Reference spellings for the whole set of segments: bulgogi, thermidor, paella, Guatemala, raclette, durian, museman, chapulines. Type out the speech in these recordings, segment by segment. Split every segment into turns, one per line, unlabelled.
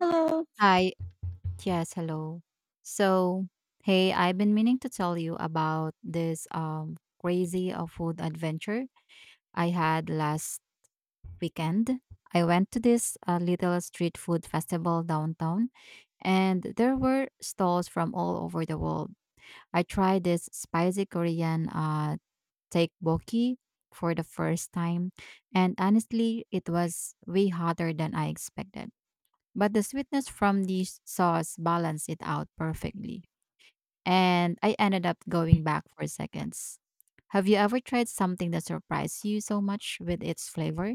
Hello.
Hi. Yes, hello. So, hey, I've been meaning to tell you about this crazy food adventure I had last weekend. I went to this little street food festival downtown, and there were stalls from all over the world. I tried this spicy Korean tteokbokki for the first time, and honestly, it was way hotter than I expected, but the sweetness from the sauce balanced it out perfectly. And I ended up going back for seconds. Have you ever tried something that surprised you so much with its flavor?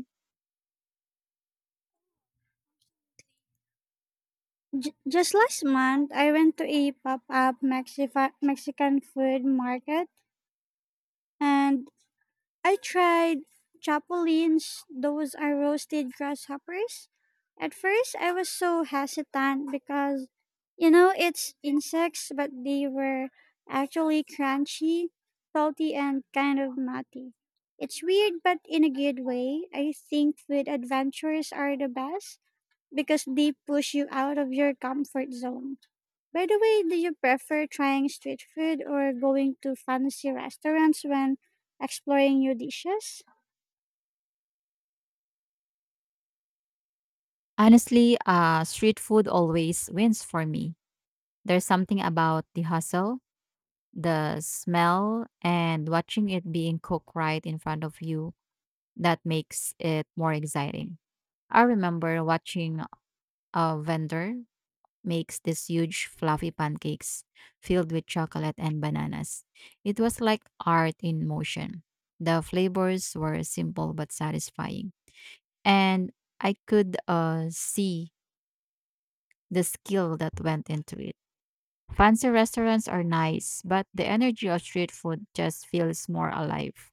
Just last month, I went to a pop-up Mexican food market, and I tried chapulines. Those are roasted grasshoppers. At first, I was so hesitant because, you know, it's insects, but they were actually crunchy, salty, and kind of nutty. It's weird, but in a good way. I think food adventures are the best because they push you out of your comfort zone. By the way, do you prefer trying street food or going to fancy restaurants when exploring new dishes?
Honestly, street food always wins for me. There's something about the hustle, the smell, and watching it being cooked right in front of you that makes it more exciting. I remember watching a vendor makes these huge fluffy pancakes filled with chocolate and bananas. It was like art in motion. The flavors were simple but satisfying, and I could see the skill that went into it. Fancy restaurants are nice, but the energy of street food just feels more alive.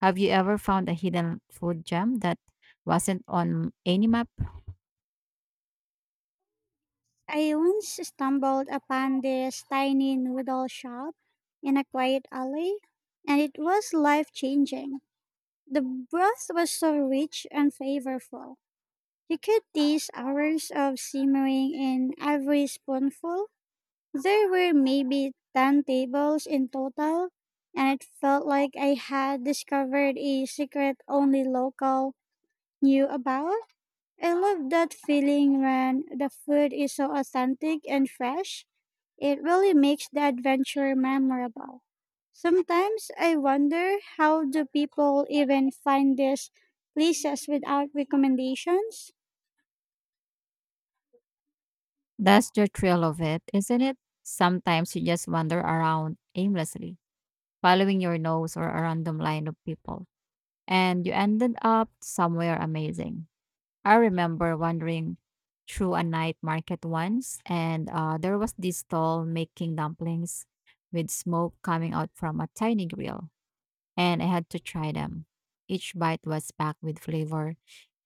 Have you ever found a hidden food gem that wasn't on any map?
I once stumbled upon this tiny noodle shop in a quiet alley, and it was life changing. The broth was so rich and flavorful. You could taste hours of simmering in every spoonful. There were maybe 10 tables in total, and it felt like I had discovered a secret only local knew about. I love that feeling when the food is so authentic and fresh. It really makes the adventure memorable. Sometimes I wonder how do people even find these places without recommendations
That's the thrill of it, isn't it? Sometimes you just wander around aimlessly, following your nose or a random line of people, and you ended up somewhere amazing. I remember wandering through a night market once, and there was this stall making dumplings with smoke coming out from a tiny grill, and I had to try them. Each bite was packed with flavor,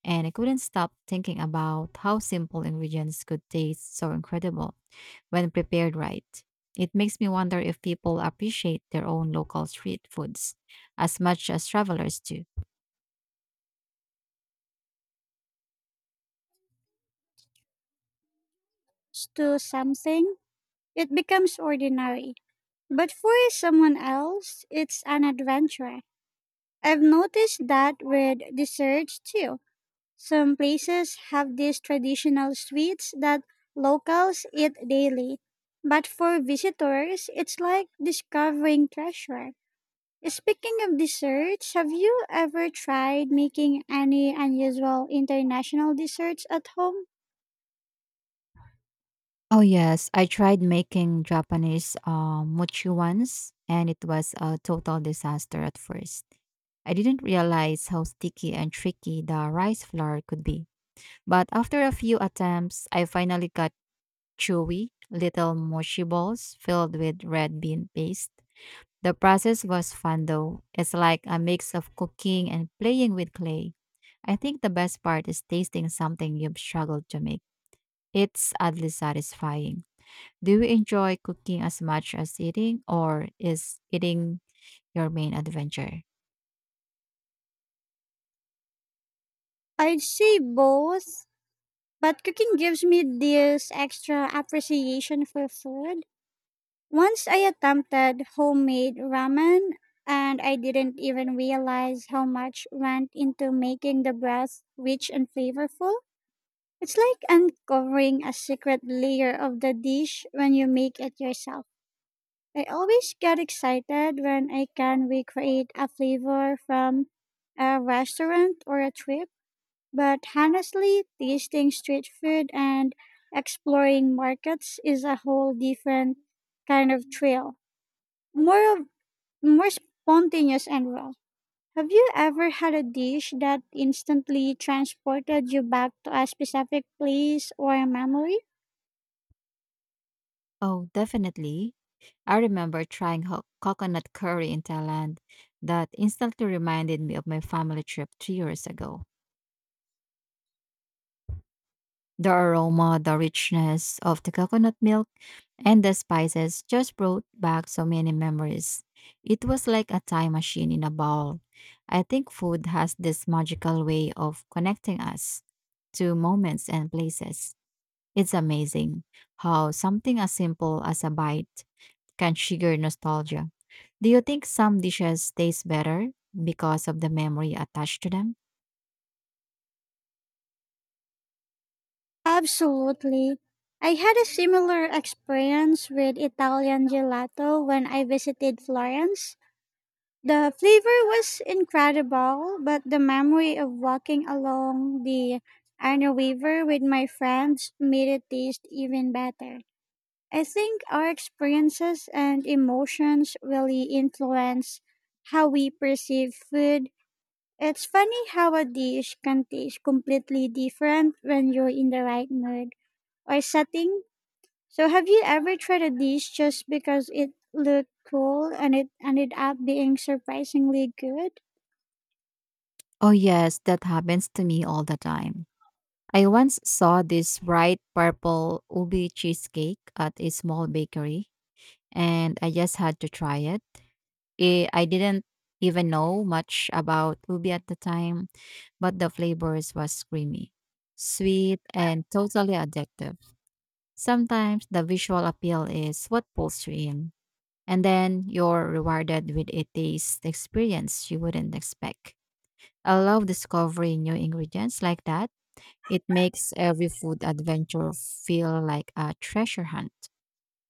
and I couldn't stop thinking about how simple ingredients could taste so incredible when prepared right. It makes me wonder if people appreciate their own local street foods as much as travelers do.
to something? It becomes ordinary. But for someone else, it's an adventure. I've noticed that with desserts too. Some places have these traditional sweets that locals eat daily. But for visitors, it's like discovering treasure. Speaking of desserts, have you ever tried making any unusual international desserts at home?
Oh yes, I tried making Japanese mochi once, and it was a total disaster at first. I didn't realize how sticky and tricky the rice flour could be. But after a few attempts, I finally got chewy little mochi balls filled with red bean paste. The process was fun though. It's like a mix of cooking and playing with clay. I think the best part is tasting something you've struggled to make. It's oddly satisfying. Do you enjoy cooking as much as eating, or is eating your main adventure?
I'd say both, but cooking gives me this extra appreciation for food. Once I attempted homemade ramen and I didn't even realize how much went into making the broth rich and flavorful. It's like uncovering a secret layer of the dish when you make it yourself. I always get excited when I can recreate a flavor from a restaurant or a trip, but honestly, tasting street food and exploring markets is a whole different kind of thrill. More of More spontaneous and raw. Have you ever had a dish that instantly transported you back to a specific place or a memory?
Oh, definitely. I remember trying coconut curry in Thailand that instantly reminded me of my family trip 3 years ago. The aroma, the richness of the coconut milk, and the spices just brought back so many memories. It was like a time machine in a bowl. I think food has this magical way of connecting us to moments and places. It's amazing how something as simple as a bite can trigger nostalgia. Do you think some dishes taste better because of the memory attached to them?
Absolutely. I had a similar experience with Italian gelato when I visited Florence. The flavor was incredible, but the memory of walking along the Arno River with my friends made it taste even better. I think our experiences and emotions really influence how we perceive food. It's funny how a dish can taste completely different when you're in the right mood or setting. So, have you ever tried a dish just because it looked cool and it ended up being surprisingly good?
Oh, yes, that happens to me all the time. I once saw this bright purple ubi cheesecake at a small bakery, and I just had to try it. I didn't even know much about ubi at the time, but the flavors was creamy, sweet, and totally addictive. Sometimes the visual appeal is what pulls you in, and then you're rewarded with a taste experience you wouldn't expect. I love discovering new ingredients like that. It makes every food adventure feel like a treasure hunt.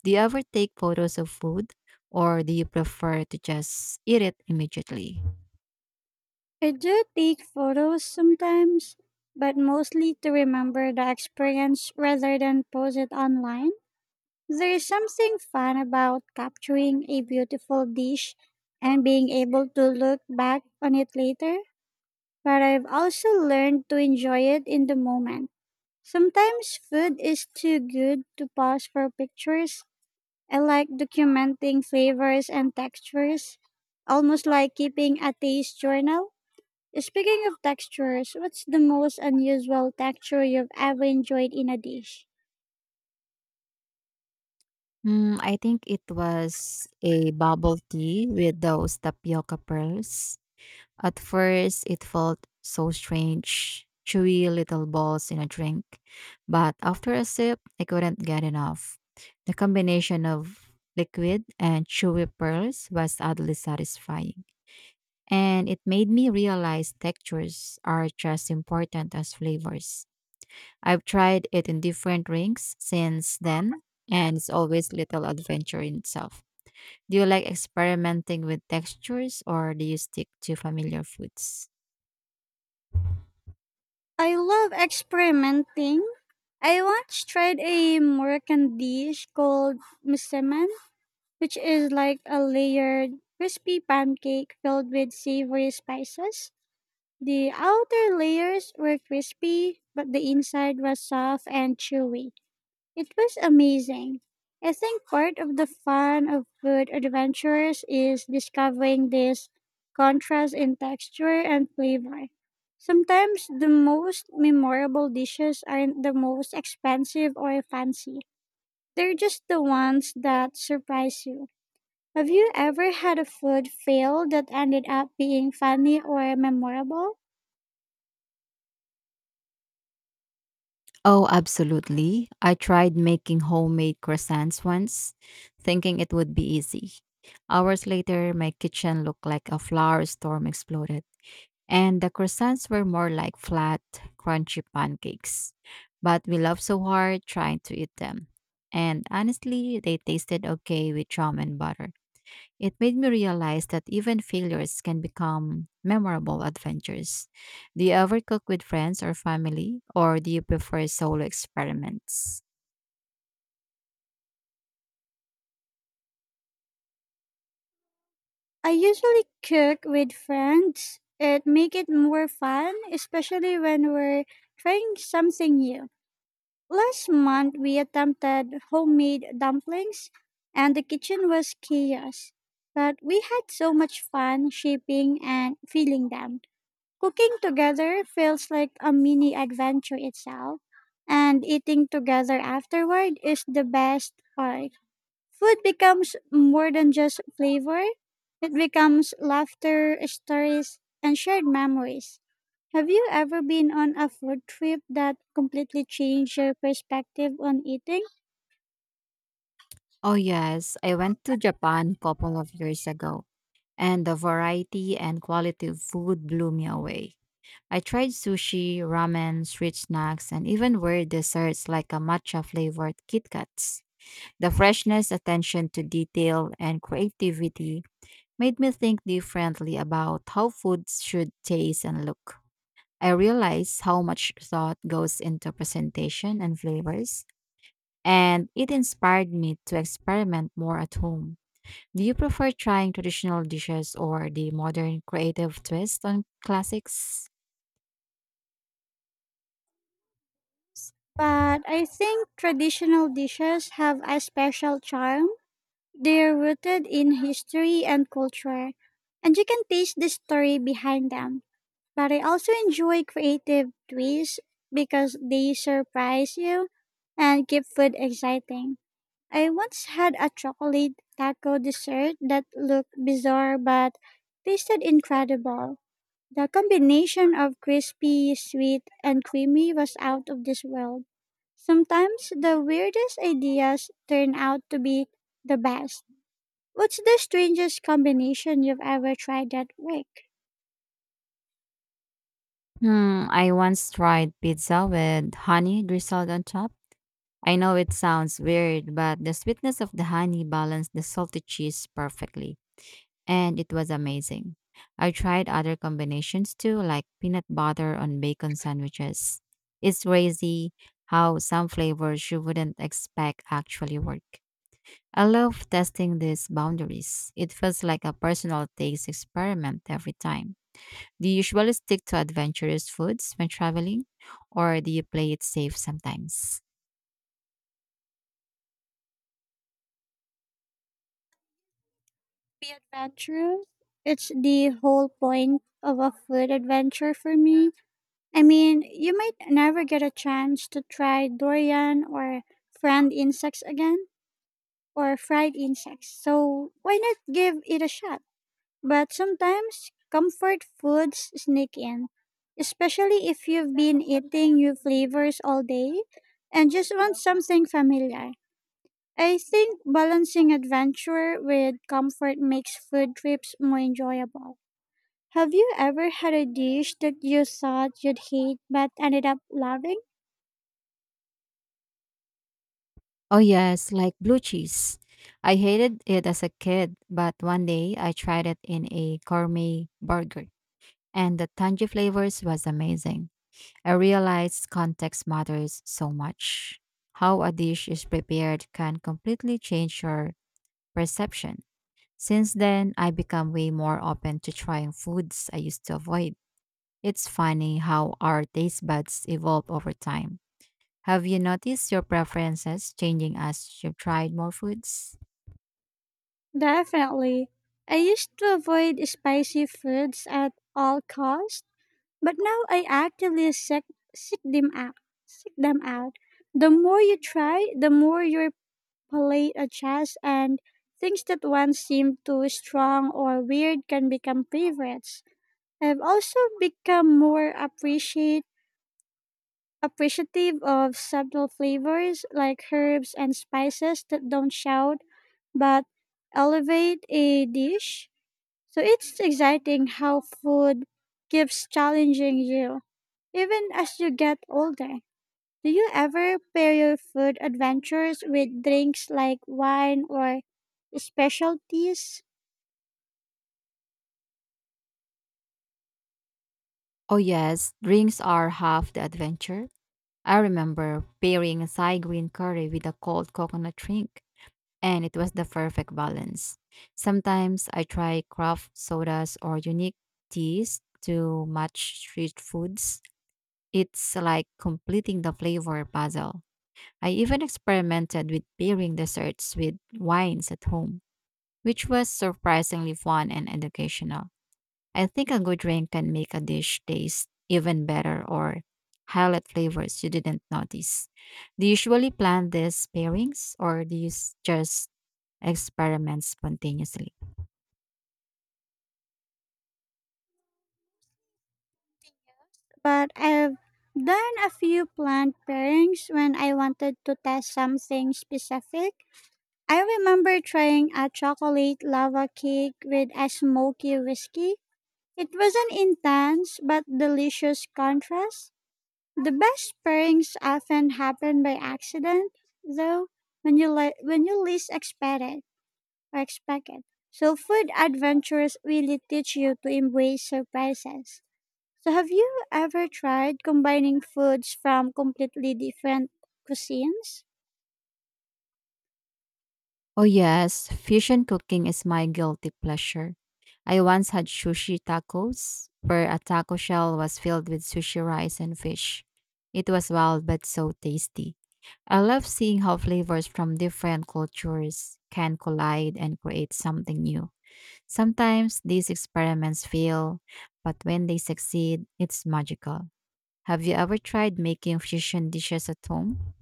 Do you ever take photos of food or do you prefer to just eat it immediately?
I do take photos sometimes, but mostly to remember the experience rather than post it online. There is something fun about capturing a beautiful dish and being able to look back on it later, but I've also learned to enjoy it in the moment. Sometimes food is too good to pause for pictures. I like documenting flavors and textures, almost like keeping a taste journal. Speaking of textures, what's the most unusual texture you've ever enjoyed in a dish?
Hmm, I think it was a bubble tea with those tapioca pearls. At first, it felt so strange, chewy little balls in a drink. But after a sip, I couldn't get enough. The combination of liquid and chewy pearls was oddly satisfying, and it made me realize textures are just important as flavors. I've tried it in different rings since then, and it's always little adventure in itself. Do you like experimenting with textures or do you stick to familiar foods?
I love experimenting. I once tried a Moroccan dish called museman, which is like a layered crispy pancake filled with savory spices. The outer layers were crispy, but the inside was soft and chewy. It was amazing. I think part of the fun of food adventures is discovering this contrast in texture and flavor. Sometimes the most memorable dishes aren't the most expensive or fancy. They're just the ones that surprise you. Have you ever had a food fail that ended up being funny or memorable?
Oh, absolutely. I tried making homemade croissants once, thinking it would be easy. Hours later, my kitchen looked like a flower storm exploded, and the croissants were more like flat, crunchy pancakes. But we laughed so hard trying to eat them. And honestly, they tasted okay with jam and butter. It made me realize that even failures can become memorable adventures. Do you ever cook with friends or family, or do you prefer solo experiments?
I usually cook with friends. It make it more fun, especially when we're trying something new. Last month we attempted homemade dumplings and the kitchen was chaos. But we had so much fun shaping and filling them. Cooking together feels like a mini adventure itself, and eating together afterward is the best part. Food becomes more than just flavor, it becomes laughter, stories, and shared memories. Have you ever been on a food trip that completely changed your perspective on eating?
Oh, yes, I went to Japan a couple of years ago, and the variety and quality of food blew me away. I tried sushi, ramen, street snacks, and even weird desserts like a matcha flavored Kit Kats. The freshness, attention to detail, and creativity made me think differently about how foods should taste and look. I realized how much thought goes into presentation and flavors, and it inspired me to experiment more at home. Do you prefer trying traditional dishes or the modern creative twist on classics?
But I think traditional dishes have a special charm. They're rooted in history and culture, and you can taste the story behind them. But I also enjoy creative twists because they surprise you and keep food exciting. I once had a chocolate taco dessert that looked bizarre but tasted incredible. The combination of crispy, sweet, and creamy was out of this world. Sometimes the weirdest ideas turn out to be the best. What's the strangest combination you've ever tried that worked?
Hmm, I once tried pizza with honey drizzled on top. I know it sounds weird, but the sweetness of the honey balanced the salty cheese perfectly, and it was amazing. I tried other combinations too, like peanut butter on bacon sandwiches. It's crazy how some flavors you wouldn't expect actually work. I love testing these boundaries. It feels like a personal taste experiment every time. Do you usually stick to adventurous foods when traveling, or do you play it safe sometimes?
Be adventurous. It's the whole point of a food adventure for me. I mean, you might never get a chance to try durian or fried insects again, or fried insects. So why not give it a shot? But sometimes comfort foods sneak in, especially if you've been eating new flavors all day and just want something familiar. I think balancing adventure with comfort makes food trips more enjoyable. Have you ever had a dish that you thought you'd hate but ended up loving?
Oh, yes, like blue cheese. I hated it as a kid, but one day I tried it in a gourmet burger, and the tangy flavors was amazing. I realized context matters so much. How a dish is prepared can completely change your perception. Since then, I become way more open to trying foods I used to avoid. It's funny how our taste buds evolve over time. Have you noticed your preferences changing as you've tried more foods?
Definitely. I used to avoid spicy foods at all costs, but now I actively seek them out. Seek them out. The more you try, the more your palate adjusts, and things that once seemed too strong or weird can become favorites. I've also become more appreciate appreciative of subtle flavors like herbs and spices that don't shout but elevate a dish, so it's exciting how food keeps challenging you, even as you get older. Do you ever pair your food adventures with drinks like wine or specialties?
Oh, yes, drinks are half the adventure. I remember pairing a Thai green curry with a cold coconut drink, and it was the perfect balance. Sometimes I try craft sodas or unique teas to match street foods. It's like completing the flavor puzzle. I even experimented with pairing desserts with wines at home, which was surprisingly fun and educational. I think a good drink can make a dish taste even better or highlight flavors you didn't notice. Do you usually plan these pairings or do you just experiment spontaneously?
But I've done a few planned pairings when I wanted to test something specific. I remember trying a chocolate lava cake with a smoky whiskey. It was an intense but delicious contrast. The best pairings often happen by accident, though, when you least expect it or expect it. So food adventures really teach you to embrace surprises. So have you ever tried combining foods from completely different cuisines?
Oh, yes, fusion cooking is my guilty pleasure. I once had sushi tacos, where a taco shell was filled with sushi rice and fish. It was wild but so tasty. I love seeing how flavors from different cultures can collide and create something new. Sometimes these experiments fail, but when they succeed, it's magical. Have you ever tried making fusion dishes at home?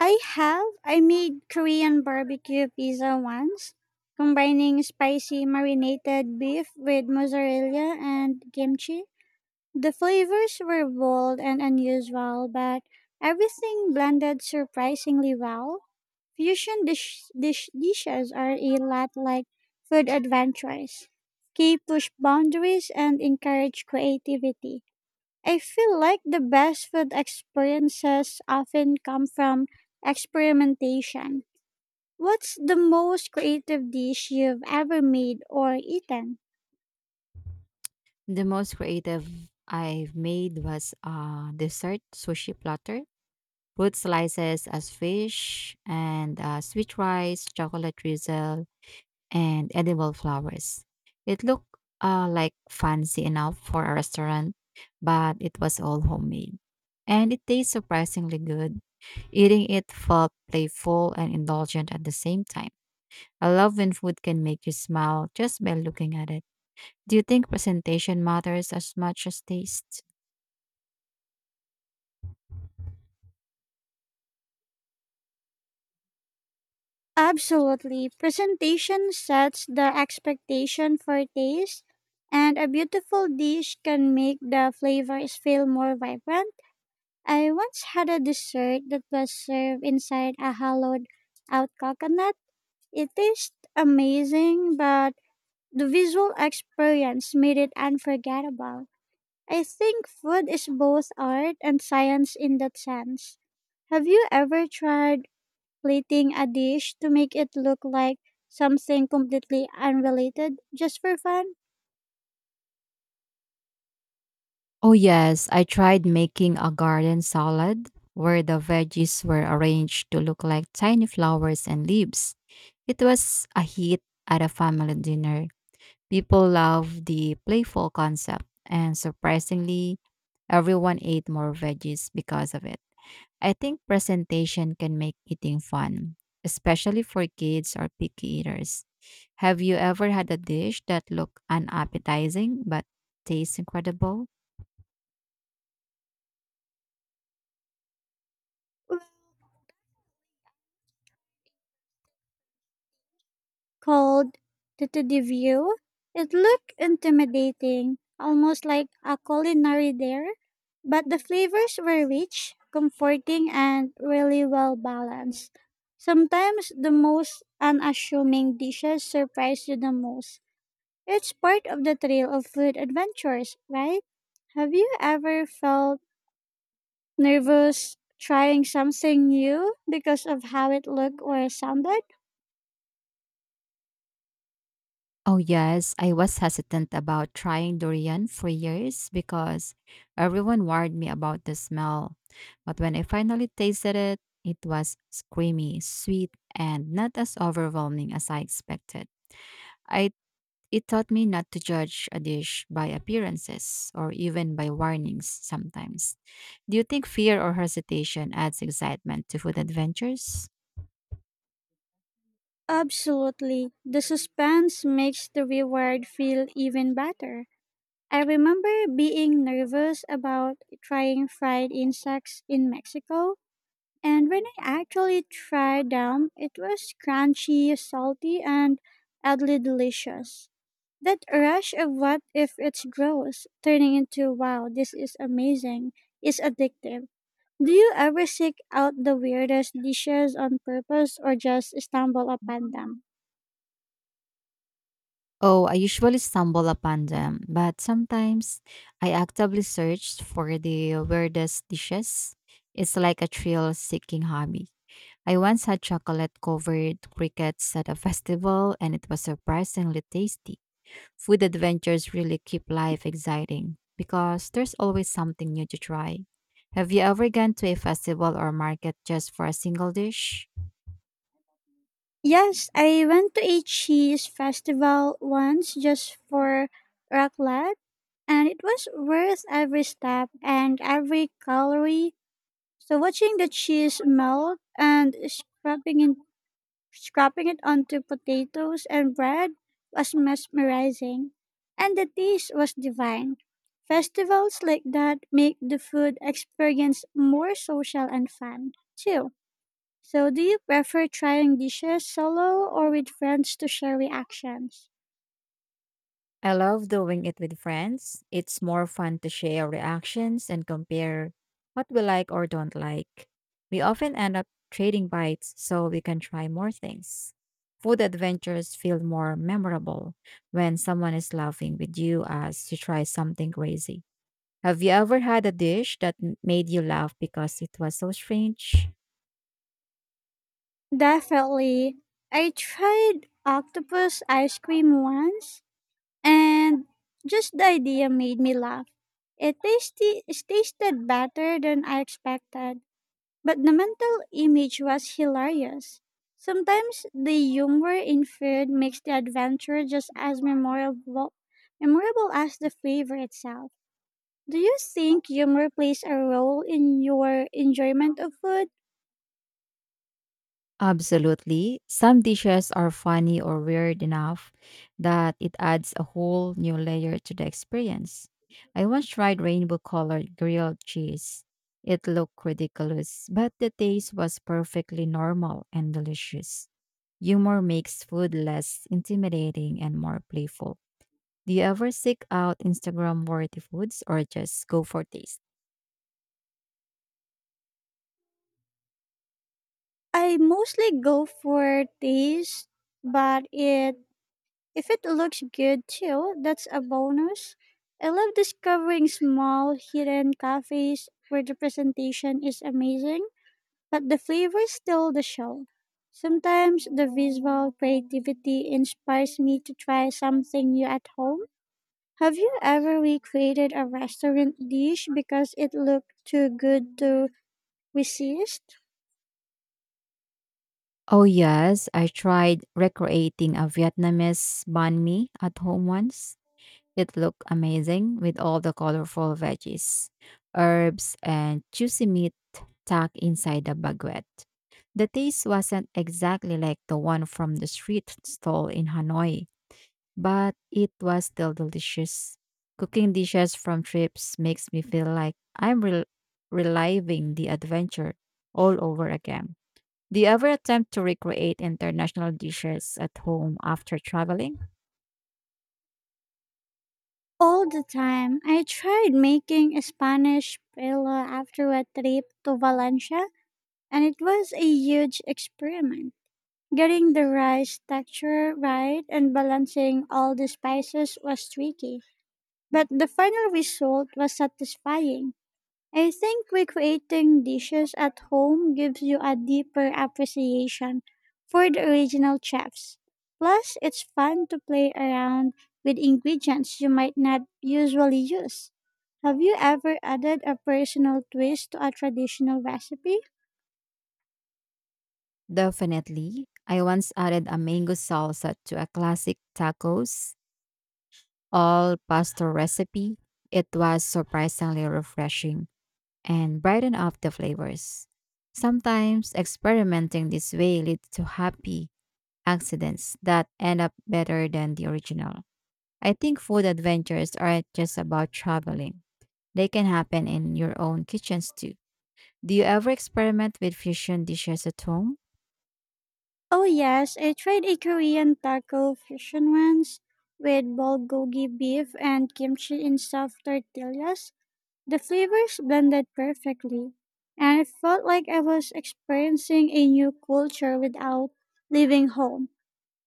I have. I made Korean barbecue pizza once, combining spicy marinated beef with mozzarella and kimchi. The flavors were bold and unusual, but everything blended surprisingly well. Fusion dishes are a lot like food adventures. They push boundaries and encourage creativity. I feel like the best food experiences often come from experimentation. What's the most creative dish you've ever made or eaten?
The most creative I've made was a dessert sushi platter, fruit slices as fish, and sweet rice, chocolate drizzle, and edible flowers. It looked like fancy enough for a restaurant, but it was all homemade. And it tastes surprisingly good. Eating it felt playful and indulgent at the same time. I love when food can make you smile just by looking at it. Do you think presentation matters as much as taste?
Absolutely. Presentation sets the expectation for taste, and a beautiful dish can make the flavors feel more vibrant. I once had a dessert that was served inside a hollowed out coconut. It tastes amazing, but the visual experience made it unforgettable. I think food is both art and science in that sense. Have you ever tried plating a dish to make it look like something completely unrelated just for fun?
Oh, yes, I tried making a garden salad where the veggies were arranged to look like tiny flowers and leaves. It was a hit at a family dinner. People loved the playful concept, and surprisingly, everyone ate more veggies because of it. I think presentation can make eating fun, especially for kids or picky eaters. Have you ever had a dish that looked unappetizing but tastes incredible?
Called the view. It looked intimidating, almost like a culinary dare, but the flavors were rich, comforting, and really well balanced. Sometimes the most unassuming dishes surprise you the most. It's part of the thrill of food adventures, right? Have you ever felt nervous trying something new because of how it looked or sounded?
Oh, yes. I was hesitant about trying durian for years because everyone warned me about the smell. But when I finally tasted it, it was creamy, sweet, and not as overwhelming as I expected. I It taught me not to judge a dish by appearances or even by warnings sometimes. Do you think fear or hesitation adds excitement to food adventures?
Absolutely. The suspense makes the reward feel even better. I remember being nervous about trying fried insects in Mexico, and when I actually tried them, it was crunchy, salty, and oddly delicious. That rush of what if it's gross, turning into wow, this is amazing, is addictive. Do you ever seek out the weirdest dishes on purpose or just stumble upon them?
Oh, I usually stumble upon them, but sometimes I actively search for the weirdest dishes. It's like a thrill seeking hobby. I once had chocolate covered crickets at a festival and it was surprisingly tasty. Food adventures really keep life exciting because there's always something new to try. Have you ever gone to a festival or market just for a single dish?
Yes, I went to a cheese festival once just for raclette, and it was worth every step and every calorie. So watching the cheese melt and scraping in Scrapping it onto potatoes and bread was mesmerizing, and the taste was divine. Festivals like that make the food experience more social and fun, too. So, do you prefer trying dishes solo or with friends to share reactions?
I love doing it with friends. It's more fun to share reactions and compare what we like or don't like. We often end up trading bites so we can try more things. Food adventures feel more memorable when someone is laughing with you as you try something crazy. Have you ever had a dish that made you laugh because it was so strange?
Definitely. I tried octopus ice cream once, and just the idea made me laugh. It tasted better than I expected. But the mental image was hilarious. Sometimes the humor in food makes the adventure just as memorable as the flavor itself. Do you think humor plays a role in your enjoyment of food?
Absolutely. Some dishes are funny or weird enough that it adds a whole new layer to the experience. I once tried rainbow colored grilled cheese. It looked ridiculous, but the taste was perfectly normal and delicious. Humor makes food less intimidating and more playful. Do you ever seek out Instagram worthy foods or just go for taste?
I mostly go for taste, but it if it looks good too, that's a bonus. I love discovering small hidden cafes where the presentation is amazing but the flavor is still the show. Sometimes the visual creativity inspires me to try something new at home. Have you ever recreated a restaurant dish because it looked too good to resist?
Oh yes, I tried recreating a Vietnamese banh mi at home once. It looked amazing with all the colorful veggies, herbs, and juicy meat tucked inside the baguette. The taste wasn't exactly like the one from the street stall in Hanoi, but it was still delicious. Cooking dishes from trips makes me feel like I'm reliving the adventure all over again. Do you ever attempt to recreate international dishes at home after traveling?
All the time. I tried making a Spanish paella after a trip to Valencia, and it was a huge experiment. Getting the rice texture right and balancing all the spices was tricky, but the final result was satisfying. I think recreating dishes at home gives you a deeper appreciation for the original chefs. Plus, it's fun to play around with ingredients you might not usually use. Have you ever added a personal twist to a traditional recipe?
Definitely. I once added a mango salsa to a classic tacos, all pasta recipe. It was surprisingly refreshing and brightened up the flavors. Sometimes experimenting this way leads to happy accidents that end up better than the original. I think food adventures aren't just about traveling. They can happen in your own kitchens too. Do you ever experiment with fusion dishes at home?
Oh, yes, I tried a Korean taco fusion once with bulgogi beef and kimchi in soft tortillas. The flavors blended perfectly, and it felt like I was experiencing a new culture without leaving home.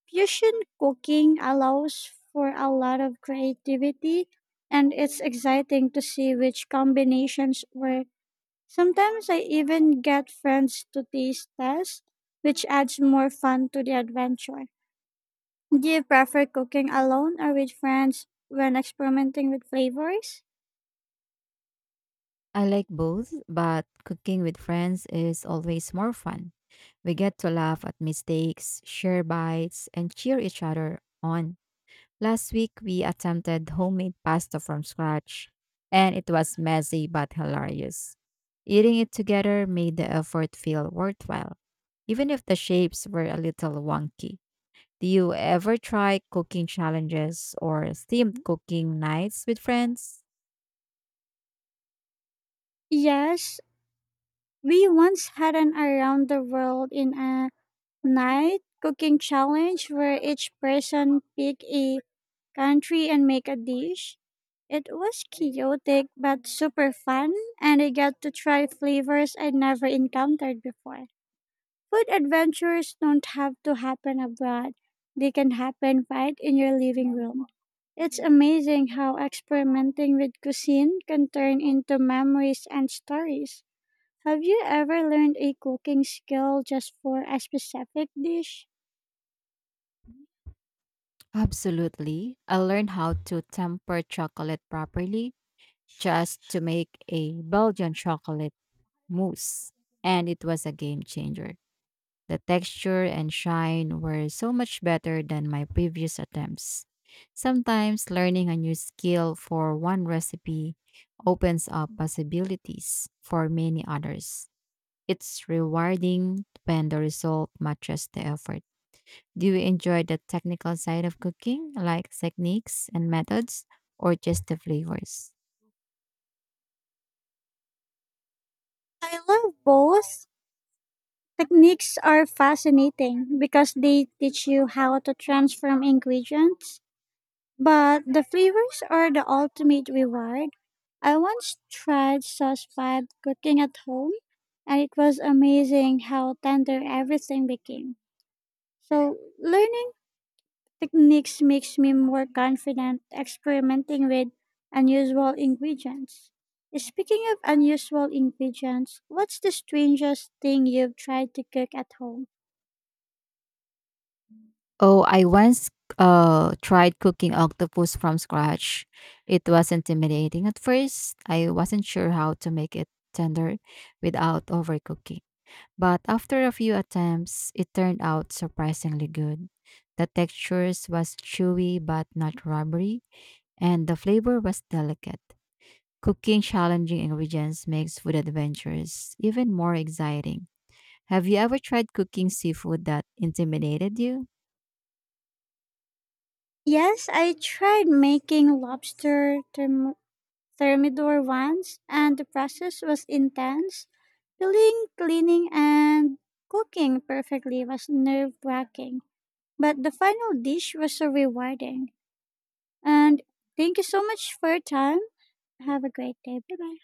Fusion cooking allows for a lot of creativity, and it's exciting to see which combinations work. Sometimes I even get friends to taste test, which adds more fun to the adventure. Do you prefer cooking alone or with friends when experimenting with flavors?
I like both, but cooking with friends is always more fun. We get to laugh at mistakes, share bites, and cheer each other on. Last week, we attempted homemade pasta from scratch, and it was messy but hilarious. Eating it together made the effort feel worthwhile, even if the shapes were a little wonky. Do you ever try cooking challenges or themed cooking nights with friends?
Yes, we once had an around the world in a night cooking challenge where each person pick a country and make a dish. It was chaotic but super fun, and I got to try flavors I'd never encountered before. Food adventures don't have to happen abroad, they can happen right in your living room. It's amazing how experimenting with cuisine can turn into memories and stories. Have you ever learned a cooking skill just for a specific dish?
Absolutely. I learned how to temper chocolate properly just to make a Belgian chocolate mousse, and it was a game changer. The texture and shine were so much better than my previous attempts. Sometimes learning a new skill for one recipe opens up possibilities for many others. It's rewarding when the result matches the effort. Do you enjoy the technical side of cooking, like techniques and methods, or just the flavors?
I love both. Techniques are fascinating because they teach you how to transform ingredients, but the flavors are the ultimate reward. I once tried sauce pad cooking at home, and it was amazing how tender everything became. So, learning techniques makes me more confident experimenting with unusual ingredients. Speaking of unusual ingredients, what's the strangest thing you've tried to cook at home?
Oh, I once tried cooking octopus from scratch. It was intimidating at first. I wasn't sure how to make it tender without overcooking. But after a few attempts, it turned out surprisingly good. The textures was chewy but not rubbery and the flavor was delicate. Cooking challenging ingredients makes food adventures even more exciting. Have you ever tried cooking seafood that intimidated you?
Yes, I tried making thermidor once, and the process was intense. Peeling, cleaning, and cooking perfectly was nerve wracking, but the final dish was so rewarding. And thank you so much for your time. Have a great day. Bye bye.